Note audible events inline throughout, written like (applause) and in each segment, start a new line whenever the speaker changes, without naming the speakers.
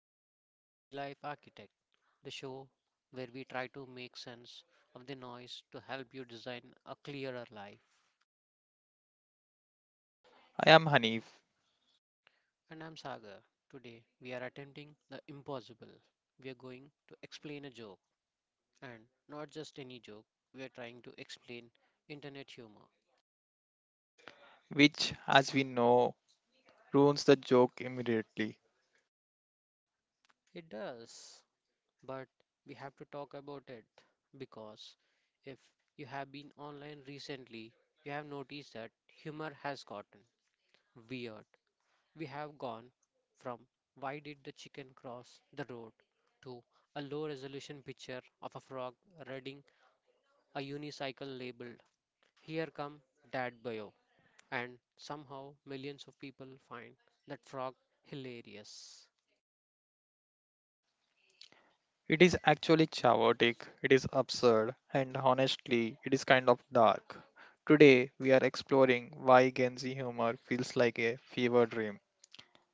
you're listening to The Life Architect, the show where we try to make sense of the noise to help you design a clearer life.
I am Hanif,
And I'm Sagar. Today we are attempting the impossible. We are going to explain a joke, and not just any joke, we are trying to explain internet humor.
which, as we know, ruins the joke immediately.
It does, but we have to talk about it because if you have been online recently, you have noticed that humor has gotten weird. We have gone from why did the chicken cross the road to a low resolution picture of a frog riding a unicycle labeled Here Come Dad Bio. And somehow millions of people find that frog hilarious.
It is actually chaotic, it is absurd, and honestly, it is kind of dark. Today, we are exploring why Gen Z humor feels like a fever dream,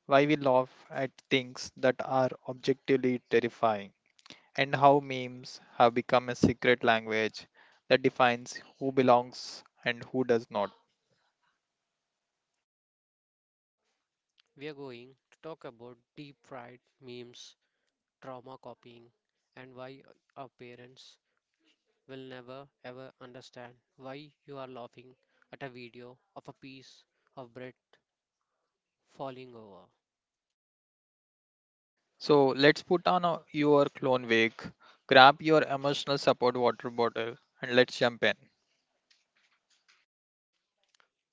why we laugh at things that are objectively terrifying, and how memes have become a secret language that defines who belongs and who does not.
We are going to talk about deep fried memes, trauma copying, and why our parents will never ever understand why you are laughing at a video of a piece of bread falling over.
So let's put on your clone wig, grab your emotional support water bottle, and let's jump in.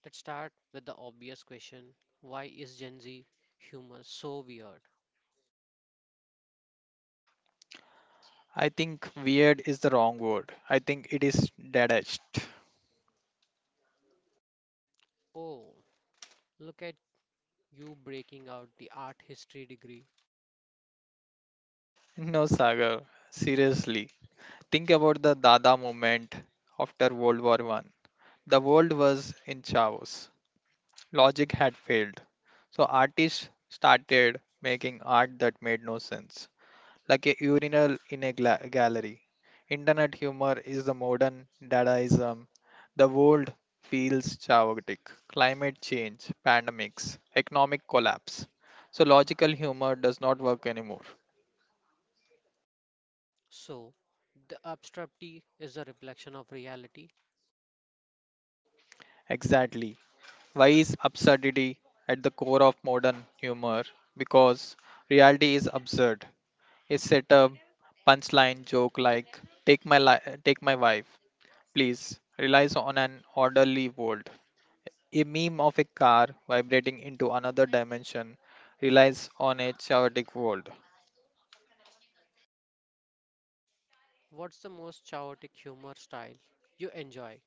Let's start with the obvious question. Why is Gen Z humor so weird?
I think weird is the wrong word. I think it is detached. (laughs)
Oh, look at you breaking out the art history degree.
No, Sagar, seriously. Think about the Dada movement after World War One. The world was in chaos. Logic had failed. So artists started making art that made no sense, like a urinal in a gallery. Internet humor is the modern dadaism. The world feels chaotic. Climate change, pandemics, economic collapse. So logical humor does not work anymore.
So, the absurdity is a reflection of reality.
Exactly. Why is absurdity at the core of modern humor? Because reality is absurd. A setup, punchline joke like "Take my wife, please." relies on an orderly world. A meme of a car vibrating into another dimension relies on a chaotic world.
What's the most chaotic humor style you enjoy?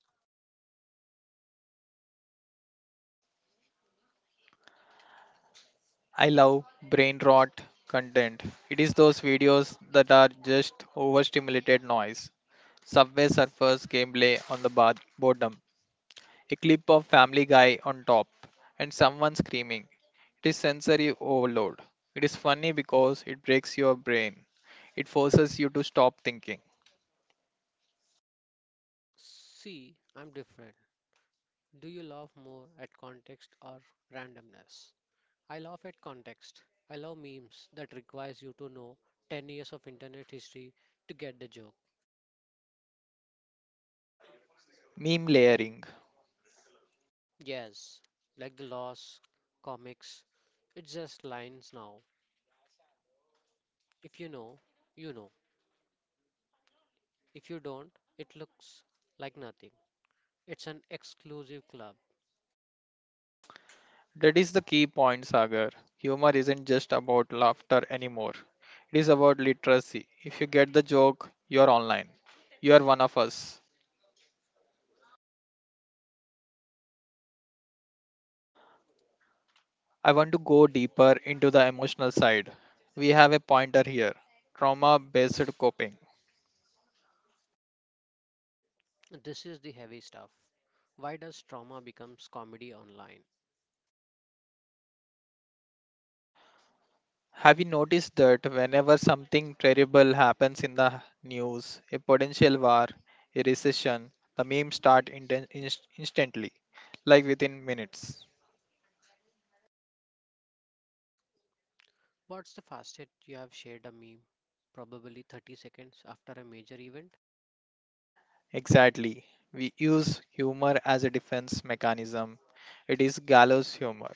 I love brain rot content. It is those videos that are just overstimulated noise. Subway Surfers gameplay on the bottom, a clip of Family Guy on top, and someone screaming. It is sensory overload. It is funny because it breaks your brain. It forces you to stop thinking.
See, I'm different. Do you laugh more at context or randomness? I laugh at context. I love memes that requires you to know 10 years of internet history to get the joke.
Meme layering.
Yes, like the lost comics, it's just lines now. If you know, you know. If you don't, it looks like nothing. It's an exclusive club.
That is the key point, Sagar. Humor isn't just about laughter anymore. It is about literacy. If you get the joke, you're online. You're one of us. I want to go deeper into the emotional side. We have a pointer here: trauma based coping.
This is the heavy stuff. Why does trauma becomes comedy online?
Have you noticed that whenever something terrible happens in the news, a potential war, a recession, the memes start instantly, like within minutes?
What's the fastest you have shared a meme? Probably 30 seconds after a major event.
Exactly. We use humor as a defense mechanism. It is gallows humor.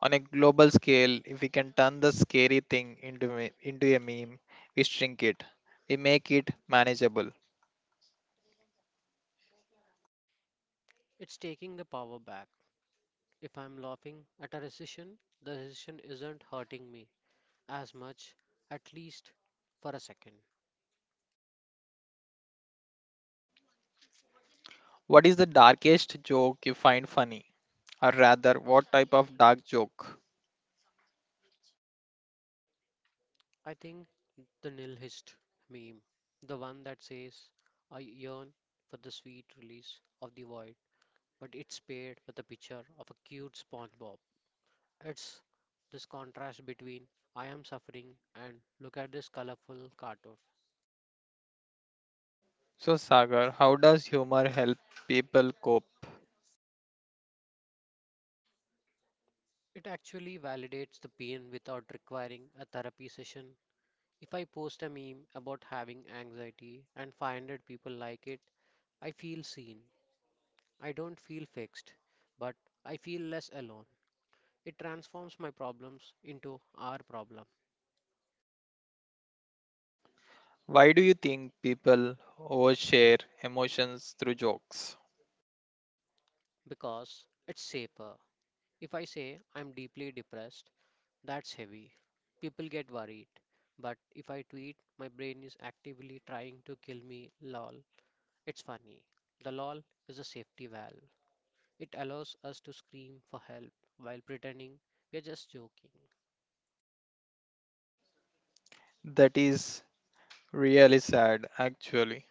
On a global scale, if we can turn the scary thing into a meme, we shrink it. We make it manageable.
It's taking the power back. If I'm laughing at a recession, the recession isn't hurting me as much, at least for a second.
What is the darkest joke you find funny? Or rather, what type of dark joke?
I think the nihilist meme, the one that says, I yearn for the sweet release of the void, but it's paired with a picture of a cute SpongeBob. It's this contrast between I am suffering and look at this colorful cartoon.
So, Sagar, how does humor help people cope?
It actually validates the pain without requiring a therapy session. If I post a meme about having anxiety and 500 people like it, I feel seen. I don't feel fixed, but I feel less alone. It transforms my problems into our problem
Why do you think people overshare emotions through jokes?
because it's safer. If I say I'm deeply depressed, that's heavy. People get worried. But if I tweet my brain is actively trying to kill me, lol, it's funny. The lol is a safety valve. It allows us to scream for help while pretending we're just joking.
That is really sad, actually.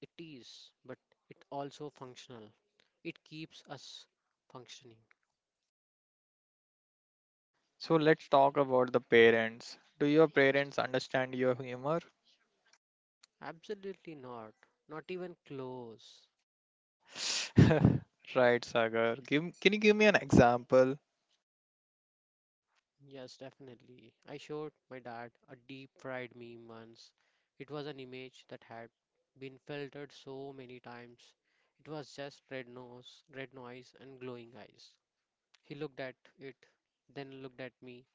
It is, but it also functional. It keeps us functioning.
So let's talk about the parents. Do your parents understand your humor?
Absolutely not. Not even close.
(laughs) Right, Sagar. Can you give me an example?
Yes, definitely. I showed my dad a deep fried meme once. It was an image that had been filtered so many times. It was just red nose, red noise, and glowing eyes. He looked at it, then looked at me,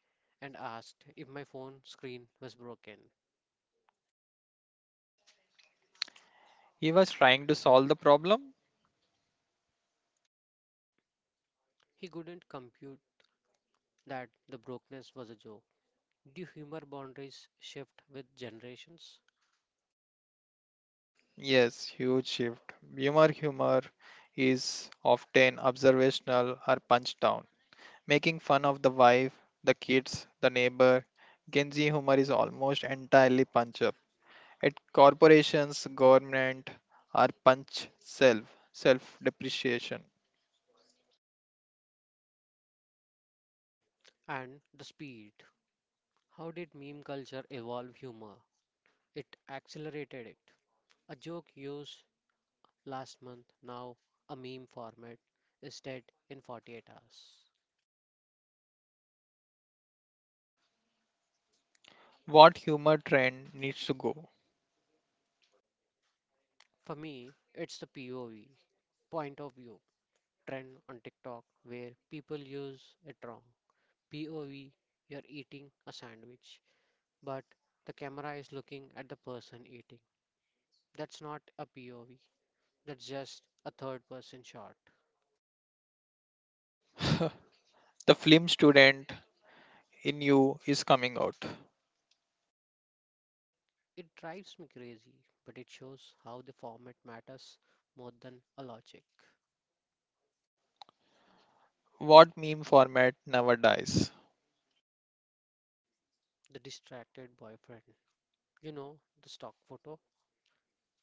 and asked if my phone screen was broken.
He was trying to solve the problem?
He couldn't compute that the brokenness was a joke. Do humor boundaries shift with generations?
Yes, huge shift. Humor is often observational or punch down. Making fun of the wife, the kids, the neighbor. Genji humor is almost entirely punch up. At corporations, government, or punch self, self depreciation.
And the speed. How did meme culture evolve humor? It accelerated it. A joke used last month, now a meme format, is dead in 48 hours.
What humor trend needs to go?
For me, it's the POV, point of view, trend on TikTok where people use it wrong. POV, you're eating a sandwich, but the camera is looking at the person eating. That's not a POV, that's just a third person shot.
(laughs) The film student in you is coming out.
It drives me crazy, but it shows how the format matters more than a logic.
What meme format never dies?
The distracted boyfriend. You know, the stock photo,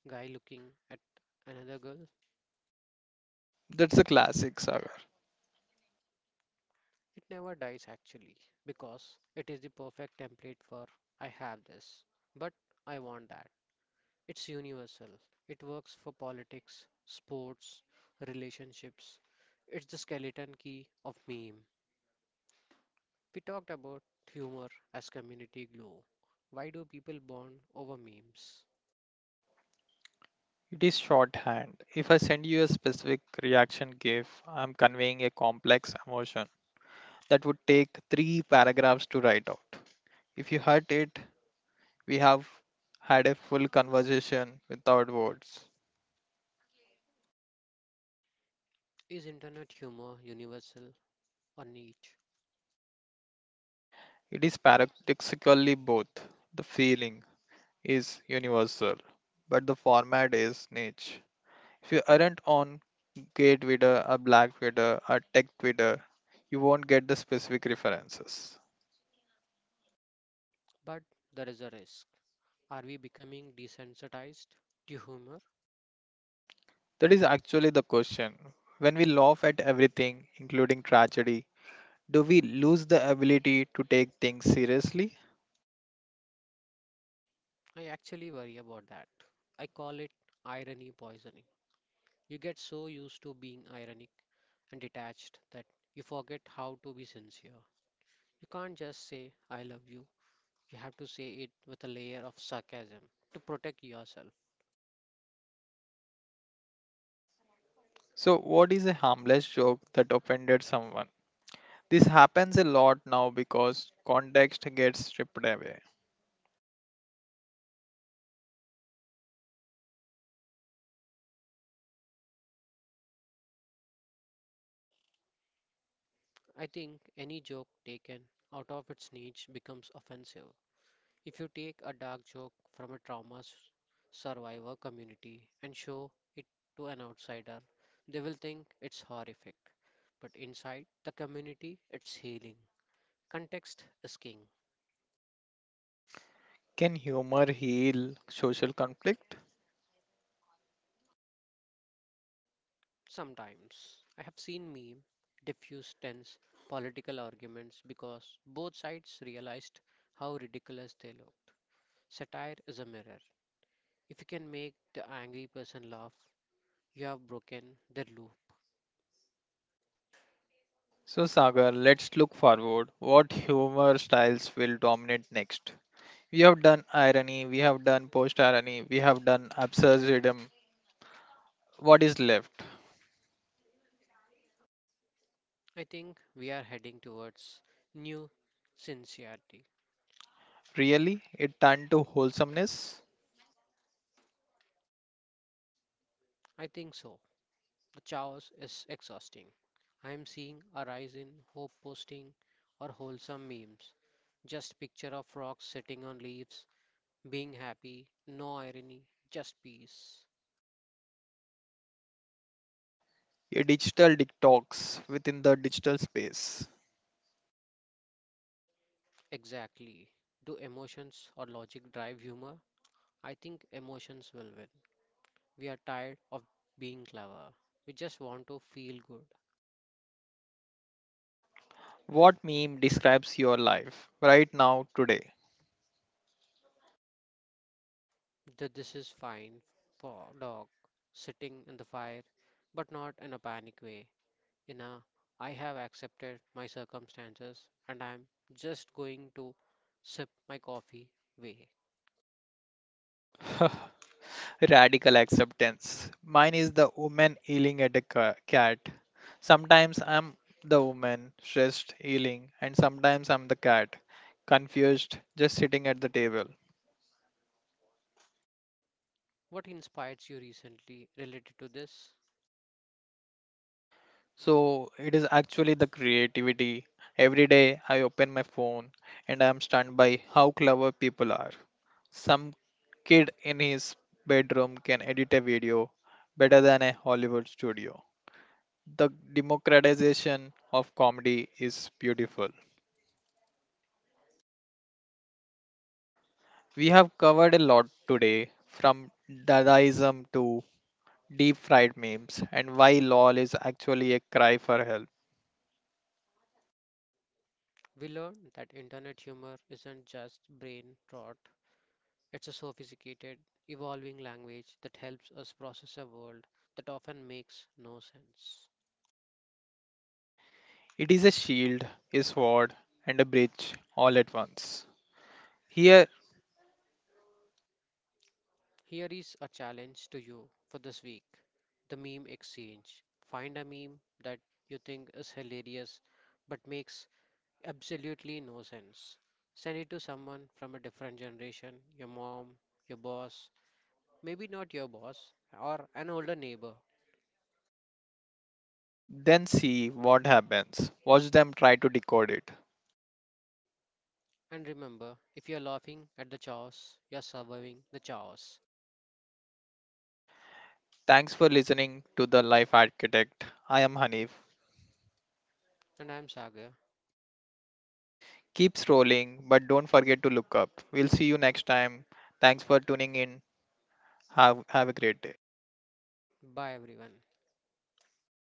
guy looking at another girl.
That's the classic, Sagar.
It never dies actually, because it is the perfect template for I have this, but I want that. It's universal. It works for politics, sports, relationships. It's the skeleton key of meme. We talked about humor as community glue. Why do people bond over memes?
It is shorthand. If I send you a specific reaction gif, I'm conveying a complex emotion that would take three paragraphs to write out. If you heard it, we have had a full conversation without words.
Is internet humor universal or niche?
It is paradoxically both: the feeling is universal, but the format is niche. If you aren't on gay Twitter, a black Twitter, a tech Twitter, you won't get the specific references.
But there is a risk. Are we becoming desensitized to humor?
That is actually the question. When we laugh at everything, including tragedy, do we lose the ability to take things seriously?
I actually worry about that. I call it irony poisoning. You get so used to being ironic and detached that you forget how to be sincere. You can't just say, I love you. You have to say it with a layer of sarcasm to protect yourself.
So, what is a harmless joke that offended someone? This happens a lot now because context gets stripped away.
I think any joke taken out of its niche becomes offensive. If you take a dark joke from a survivor community and show it to an outsider, they will think it's horrific. But inside the community, it's healing. Context is king.
Can humor heal social conflict?
Sometimes I have seen meme diffuse tense political arguments because both sides realized how ridiculous they look. Satire is a mirror. If you can make the angry person laugh, you have broken their loop.
So, Sagar, let's look forward. What humor styles will dominate next? We have done irony, we have done post irony, we have done absurdism. What is left?
I think we are heading towards new sincerity.
Really? It turned to wholesomeness?
I think so. The chaos is exhausting. I am seeing a rise in hope posting or wholesome memes. Just picture of rocks sitting on leaves, being happy, no irony, just peace.
A digital detox within the digital space.
Exactly. Do emotions or logic drive humor? I think emotions will win. We are tired of being clever. We just want to feel good.
What meme describes your life right now, today?
That this is fine for dog sitting in the fire, but not in a panic way. In a I have accepted my circumstances and I'm just going to sip my coffee way.
(laughs) Radical acceptance. Mine is the woman yelling at a cat. Sometimes I'm the woman, stressed, yelling, and sometimes I'm the cat, confused, just sitting at the table.
What inspires you recently related to this?
So it is actually the creativity. Every day I open my phone and I am stunned by how clever people are. Some kid in his bedroom can edit a video better than a Hollywood studio. The democratization of comedy is beautiful. We have covered a lot today, from Dadaism to deep fried memes, and why LOL is actually a cry for help.
We learned that internet humor isn't just brain rot, it's a sophisticated, evolving language that helps us process a world that often makes no sense.
It is a shield, a sword, and a bridge all at once. Here,
Here is a challenge to you for this week, the meme exchange. Find a meme that you think is hilarious but makes absolutely no sense. Send it to someone from a different generation, your mom, your boss, maybe not your boss, or an older neighbor.
then see what happens. Watch them try to decode it.
And remember, if you're laughing at the chaos, you're surviving the chaos.
Thanks for listening to The Life Architect. I am Hanif.
And I'm Sagar.
Keep scrolling, but don't forget to look up. We'll see you next time. Thanks for tuning in. Have a great day.
Bye everyone.